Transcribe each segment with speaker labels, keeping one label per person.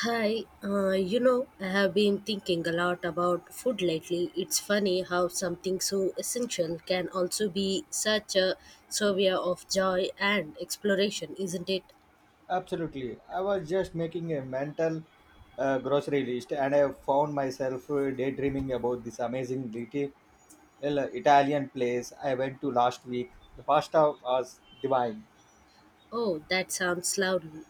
Speaker 1: I have been thinking a lot about food lately. It's funny how something so essential can also be such a survey of joy and exploration, isn't it?
Speaker 2: Absolutely. I was just making a mental grocery list, and I found myself daydreaming about this amazing little Italian place I went to last week. The pasta was divine.
Speaker 1: Oh, that sounds lovely.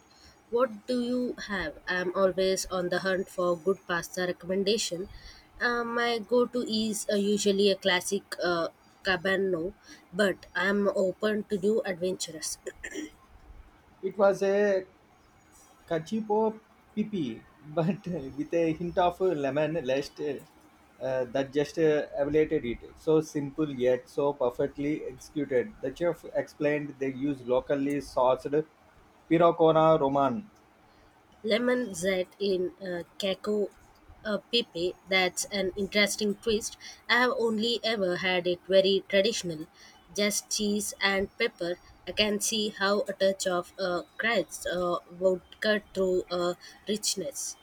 Speaker 1: What do you have? I'm always on the hunt for good pasta recommendation. My go-to is usually a classic cabano, but I'm open to new adventures.
Speaker 2: It was a cacipo pipi, but with a hint of lemon zest that just elevated it. So simple yet so perfectly executed. The chef explained they use locally sourced pirocona Roman.
Speaker 1: Lemon zest in Cacao Pepe, that's an interesting twist. I have only ever had it very traditional, just cheese and pepper. I can see how a touch of crabs would cut through richness.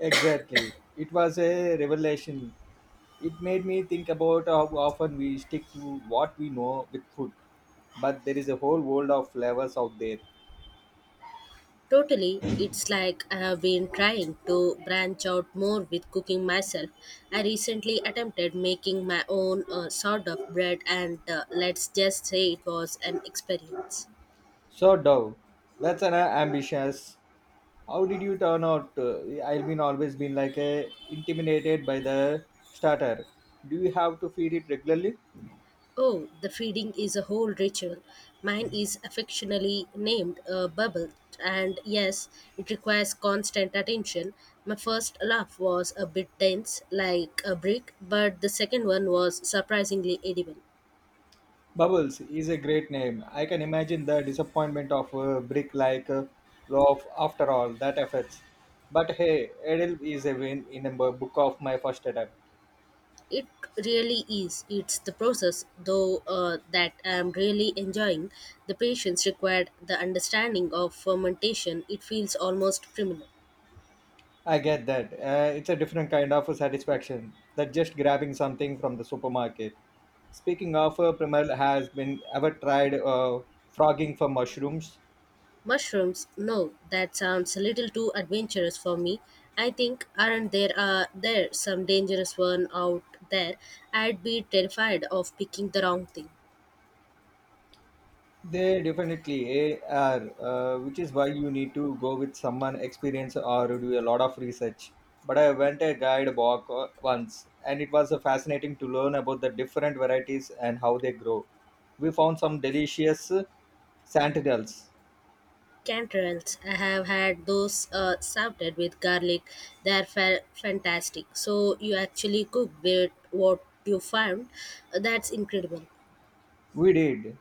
Speaker 2: Exactly. It was a revelation. It made me think about how often we stick to what we know with food, but there is a whole world of flavors out there.
Speaker 1: Totally, it's like I have been trying to branch out more with cooking myself. I recently attempted making my own sort of bread, and let's just say it was an experience.
Speaker 2: So, Dove, that's an ambitious. How did you turn out? I've been always been like a intimidated by the starter. Do you have to feed it regularly?
Speaker 1: Oh, the feeding is a whole ritual. Mine is affectionately named a bubble, and yes, it requires constant attention. My first laugh was a bit tense, like a brick, but the second one was surprisingly edible.
Speaker 2: Bubbles is a great name. I can imagine the disappointment of a brick like loaf after all that efforts. But hey, Edel is a win in a book of my first attempt.
Speaker 1: It really is. It's the process, though, that I'm really enjoying. The patience required, the understanding of fermentation, it feels almost criminal.
Speaker 2: I get that. It's a different kind of satisfaction than just grabbing something from the supermarket. Speaking of, Primal has been ever tried frogging for mushrooms.
Speaker 1: Mushrooms? No, that sounds a little too adventurous for me. I think aren't there some dangerous one out there? I'd be terrified of picking the wrong thing.
Speaker 2: They definitely are, which is why you need to go with someone experienced or do a lot of research. But I went a guide walk once, and it was fascinating to learn about the different varieties and how they grow. We found some delicious sentinels.
Speaker 1: Canterels, I have had those salted with garlic. They're fantastic. So you actually cook with what you found. That's incredible.
Speaker 2: We did.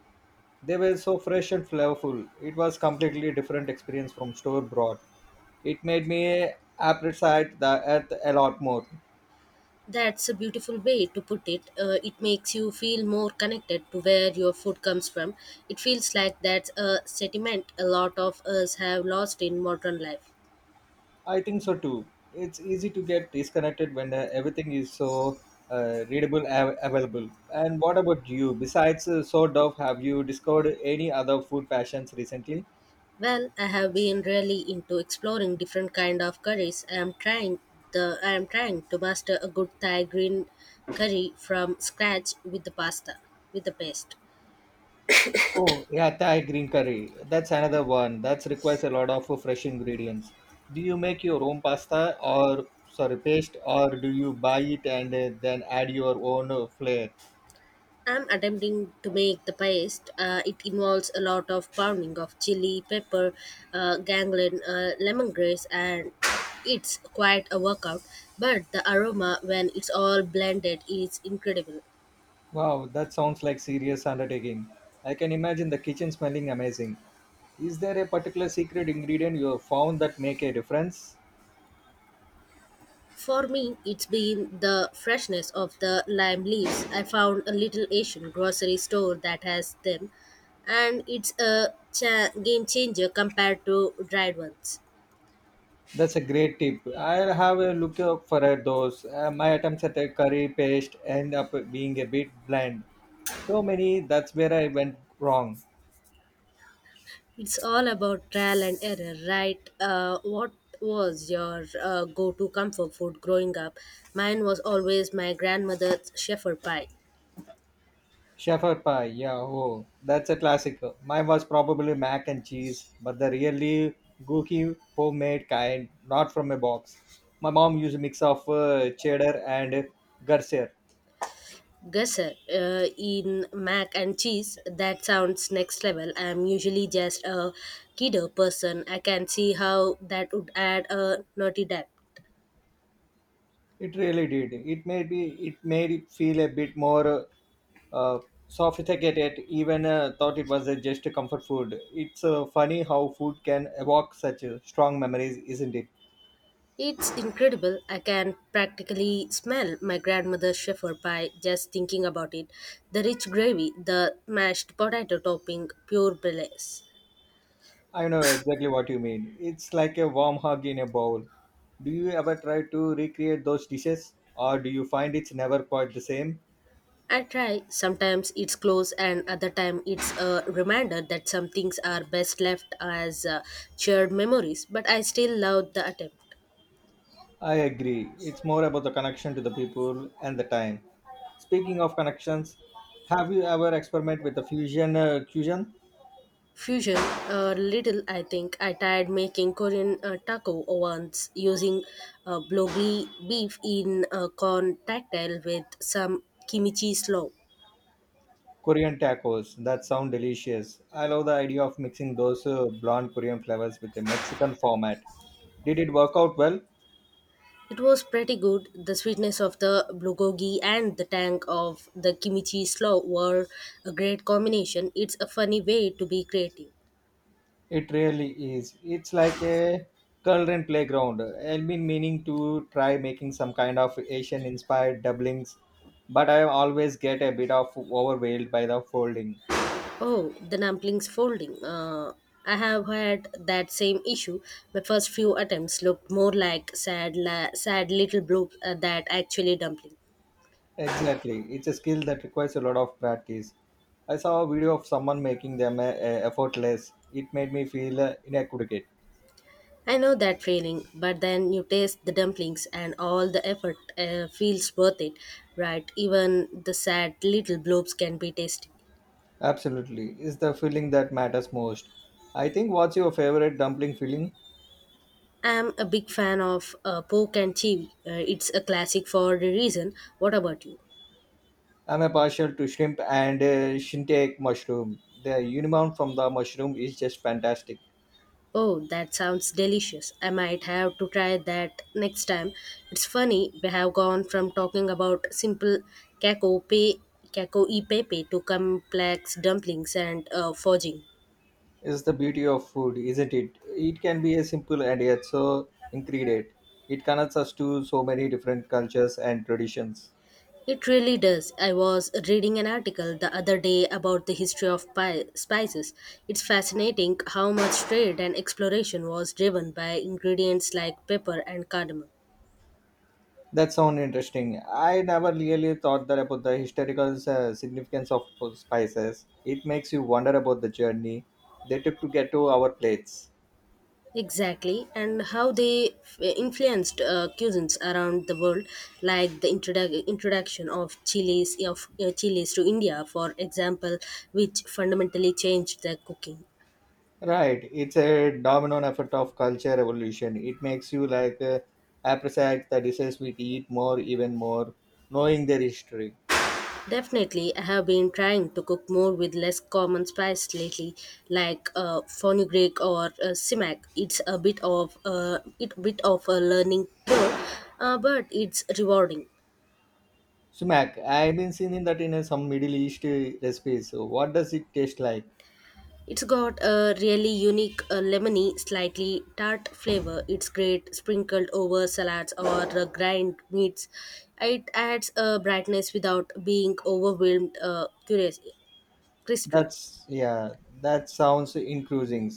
Speaker 2: They were so fresh and flavorful. It was completely different experience from store bought. It made me appreciate the earth a lot more.
Speaker 1: That's a beautiful way to put it. It makes you feel more connected to where your food comes from. It feels like that's a sentiment a lot of us have lost in modern life.
Speaker 2: I think so too. It's easy to get disconnected when everything is so available. And what about you? Besides so Dove, have you discovered any other food passions recently?
Speaker 1: Well, I have been really into exploring different kind of curries. I am trying to master a good Thai green curry from scratch with the paste.
Speaker 2: Oh, yeah, Thai green curry. That's another one. That requires a lot of fresh ingredients. Do you make your own pasta or sorry paste, or do you buy it and then add your own flair?
Speaker 1: I'm attempting to make the paste. It involves a lot of pounding of chili, pepper, ganglion, lemongrass, and it's quite a workout. But the aroma, when it's all blended, is incredible.
Speaker 2: Wow, that sounds like serious undertaking. I can imagine the kitchen smelling amazing. Is there a particular secret ingredient you have found that make a difference?
Speaker 1: For me, it's been the freshness of the lime leaves. I found a little Asian grocery store that has them, and it's a game changer compared to dried ones.
Speaker 2: That's a great tip. I'll have a look out for those. My attempts at a curry paste end up being a bit bland, so many that's where I went wrong.
Speaker 1: It's all about trial and error, right? What was your go to comfort food growing up? Mine was always my grandmother's shepherd pie.
Speaker 2: Shepherd pie, yeah, oh that's a classic. Mine was probably mac and cheese, but the really gooky homemade kind, not from a box. My mom used a mix of cheddar and garcia.
Speaker 1: Gusset in mac and cheese, that sounds next level. I'm usually just a kiddo person. I can see how that would add a naughty dab.
Speaker 2: It really did. It made me. It made it feel a bit more uh, sophisticated. Even thought it was just a comfort food. It's funny how food can evoke such strong memories, isn't it?
Speaker 1: It's incredible. I can practically smell my grandmother's shepherd pie just thinking about it. The rich gravy, the mashed potato topping, pure bliss.
Speaker 2: I know exactly what you mean. It's like a warm hug in a bowl. Do you ever try to recreate those dishes, or do you find it's never quite the same?
Speaker 1: I try. Sometimes it's close, and other time it's a reminder that some things are best left as shared memories. But I still love the attempt.
Speaker 2: I agree. It's more about the connection to the people and the time. Speaking of connections, have you ever experimented with the fusion?
Speaker 1: Fusion a little, I think I tried making Korean taco once using bulgogi beef in a corn cocktail with some kimchi slaw.
Speaker 2: Korean tacos, that sound delicious. I love the idea of mixing those blonde Korean flavors with a Mexican format. Did it work out well?
Speaker 1: It was pretty good. The sweetness of the bulgogi and the tang of the kimchi slaw were a great combination. It's a funny way to be creative.
Speaker 2: It really is. It's like a culinary playground. I've been meaning to try making some kind of Asian inspired doublings, but I always get a bit of overwhelmed by the folding.
Speaker 1: Oh, the dumplings folding. I have had that same issue. My first few attempts looked more like sad little bloop that actually dumpling.
Speaker 2: Exactly. It's a skill that requires a lot of practice. I saw a video of someone making them effortless. It made me feel inadequate.
Speaker 1: I know that feeling, but then you taste the dumplings and all the effort feels worth it, right? Even the sad little blobs can be tasty.
Speaker 2: Absolutely. It's the filling that matters most. I think, what's your favorite dumpling filling?
Speaker 1: I'm a big fan of pork and chili. It's a classic for a reason. What about you?
Speaker 2: I'm a partial to shrimp and shintake mushroom. The unicorn from the mushroom is just fantastic.
Speaker 1: Oh, that sounds delicious. I might have to try that next time. It's funny, we have gone from talking about simple caco pe caco e pepe to complex dumplings and forging.
Speaker 2: It's the beauty of food, isn't it? It can be a simple and yet so ingredient. It connects us to so many different cultures and traditions.
Speaker 1: It really does. I was reading an article the other day about the history of spices. It's fascinating how much trade and exploration was driven by ingredients like pepper and cardamom.
Speaker 2: That sounds interesting. I never really thought that about the historical significance of spices. It makes you wonder about the journey they took to get to our plates.
Speaker 1: Exactly, and how they influenced cuisines around the world, like the introduction of chilies to India, for example, which fundamentally changed their cooking.
Speaker 2: Right, it's a domino effect of culture evolution. It makes you like appreciate the dishes we eat more, even more, knowing their history.
Speaker 1: Definitely, I have been trying to cook more with less common spice lately, like fenugreek or sumac. It's a bit of a learning curve, but it's rewarding.
Speaker 2: Sumac, I've been seeing that in some Middle East recipes. So what does it taste like?
Speaker 1: It's got a really unique lemony, slightly tart flavor. It's great sprinkled over salads or grind meats. It adds a brightness without being overwhelmed curious crispy.
Speaker 2: That's, yeah, that sounds increasing.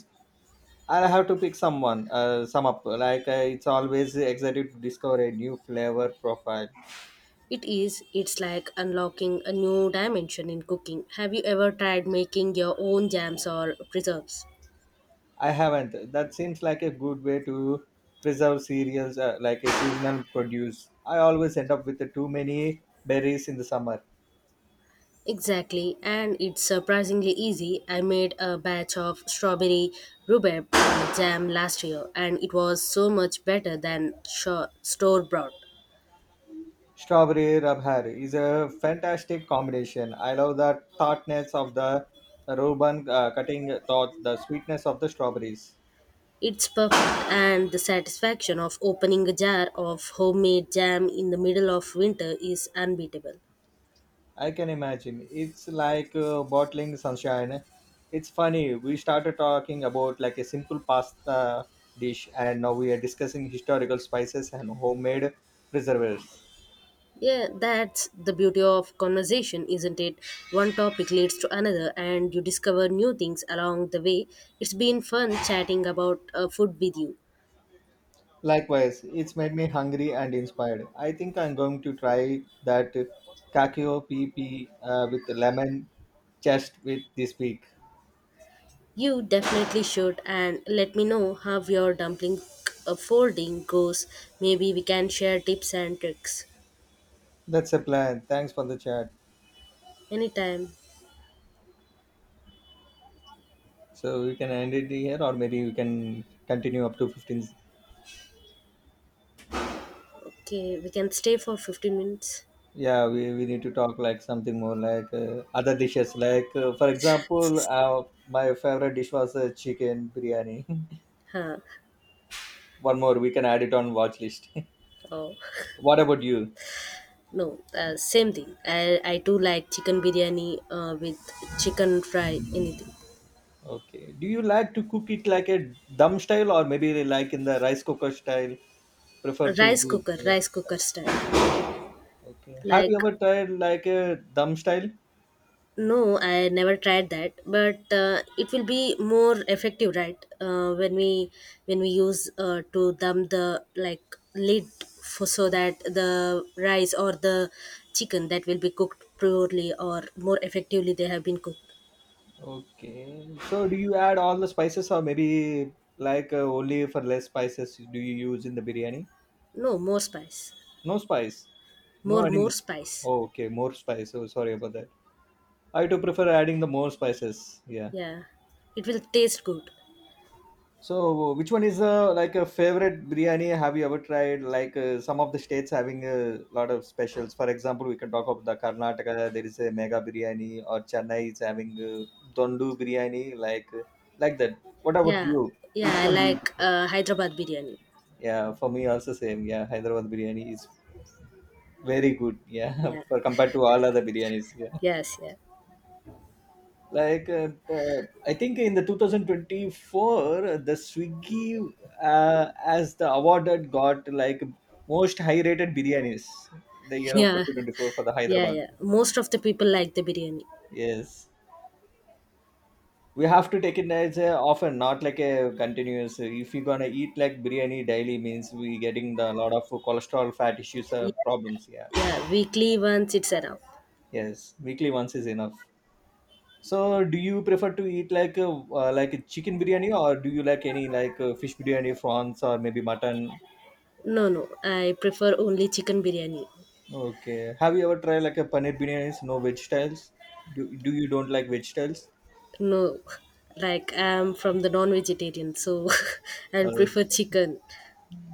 Speaker 2: I'll have to pick someone, some up. Like it's always exciting to discover a new flavor profile.
Speaker 1: It is, it's like unlocking a new dimension in cooking. Have you ever tried making your own jams or preserves?
Speaker 2: I haven't. That seems like a good way to preserve cereals like a seasonal produce. I always end up with too many berries in the summer.
Speaker 1: Exactly, and it's surprisingly easy. I made a batch of strawberry rhubarb jam last year, and it was so much better than store bought.
Speaker 2: Strawberry rabhar is a fantastic combination. I love the tartness of the Reuben cutting, thought the sweetness of the strawberries.
Speaker 1: It's perfect, and the satisfaction of opening a jar of homemade jam in the middle of winter is unbeatable.
Speaker 2: I can imagine. It's like bottling sunshine. It's funny. We started talking about like a simple pasta dish, and now we are discussing historical spices and homemade preservers.
Speaker 1: Yeah, that's the beauty of conversation, isn't it? One topic leads to another, and you discover new things along the way. It's been fun chatting about food with you.
Speaker 2: Likewise, it's made me hungry and inspired. I think I'm going to try that kakio pp with lemon chest with this week.
Speaker 1: You definitely should, and let me know how your dumpling folding goes. Maybe we can share tips and tricks.
Speaker 2: That's a plan. Thanks for the chat.
Speaker 1: Anytime.
Speaker 2: So we can end it here, or maybe we can continue up to 15.
Speaker 1: Okay, we can stay for 15 minutes.
Speaker 2: Yeah, we need to talk like something more like other dishes, like for example my favorite dish was chicken biryani.
Speaker 1: Huh.
Speaker 2: One more we can add it on watch list.
Speaker 1: Oh,
Speaker 2: What about you?
Speaker 1: no, same thing. I do like chicken biryani with chicken fry, anything.
Speaker 2: Okay, do you like to cook it like a dum style or maybe like in the rice cooker style? Prefer to do, yeah.
Speaker 1: Rice cooker
Speaker 2: Rice.
Speaker 1: style.
Speaker 2: Okay, have you
Speaker 1: Like,
Speaker 2: ever tried like a dum style?
Speaker 1: no, I never tried that, but it will be more effective, right? When we use to dump the like lid for, so that the rice or the chicken that will be cooked purely or more effectively they have been cooked.
Speaker 2: Okay, so do you add all the spices or maybe like only for less spices do you use in the biryani?
Speaker 1: No, more spice,
Speaker 2: No spice. No
Speaker 1: more
Speaker 2: adding
Speaker 1: more
Speaker 2: this.
Speaker 1: spice.
Speaker 2: Oh, okay, more spice. Oh, sorry about that. I too prefer adding the more spices. Yeah.
Speaker 1: Yeah, it will taste good.
Speaker 2: So, which one is like a favorite biryani? Have you ever tried? Like some of the states having a lot of specials. For example, we can talk about the Karnataka. There is a mega biryani, or Chennai is having dondu biryani, like that. What about
Speaker 1: Yeah,
Speaker 2: you?
Speaker 1: yeah,
Speaker 2: Which
Speaker 1: I
Speaker 2: one do you
Speaker 1: like
Speaker 2: prefer?
Speaker 1: Hyderabad biryani.
Speaker 2: Yeah, for me also same. Yeah, Hyderabad biryani is very good. Yeah,
Speaker 1: Yeah,
Speaker 2: for compared to all other biryanis. Yeah.
Speaker 1: yes, yeah,
Speaker 2: Like I think in the 2024 the swiggy as the award that got like most high rated biryanis the year of
Speaker 1: yeah,
Speaker 2: 2024 for the
Speaker 1: yeah,
Speaker 2: Hyderabad.
Speaker 1: yeah. Most of the people like the biryani.
Speaker 2: Yes, we have to take it as a often, not like a continuous. If you're gonna eat like biryani daily means we getting the lot of cholesterol fat issues,
Speaker 1: Yeah.
Speaker 2: problems, yeah.
Speaker 1: Yeah, weekly once it's enough.
Speaker 2: Yes, weekly once is enough. So, do you prefer to eat like a chicken biryani, or do you like any like fish biryani, prawns, or maybe mutton?
Speaker 1: No, no, I prefer only chicken biryani.
Speaker 2: Okay. Have you ever tried like a paneer biryani? No vegetables. Do you don't like vegetables?
Speaker 1: No, like I'm from the non-vegetarian, so I'll
Speaker 2: Uh,
Speaker 1: prefer chicken.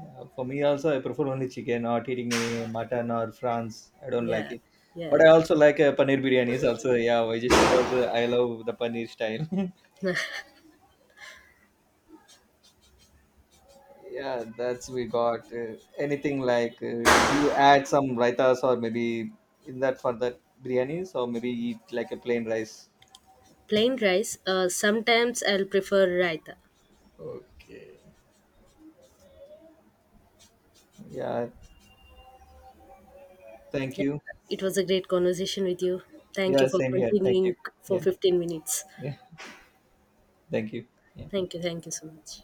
Speaker 2: yeah, for me also, I prefer only chicken. Not eating any mutton or prawns. I don't like
Speaker 1: Yeah,
Speaker 2: it. But
Speaker 1: yeah,
Speaker 2: I also like paneer biryanis also. Yeah, why? Just because I love the paneer style.
Speaker 1: yeah.
Speaker 2: Yeah, that's we got anything like do you add some raitas or maybe in that for that biryanis or maybe eat like a plain rice.
Speaker 1: Plain rice. Sometimes I'll prefer raita.
Speaker 2: Okay. Yeah, thank
Speaker 1: Yeah,
Speaker 2: you.
Speaker 1: it was a great conversation with you. Thank you
Speaker 2: Yeah,
Speaker 1: for
Speaker 2: same here. Thank you.
Speaker 1: continuing for
Speaker 2: Yeah,
Speaker 1: 15 minutes.
Speaker 2: yeah, thank you. Yeah.
Speaker 1: Thank you so much.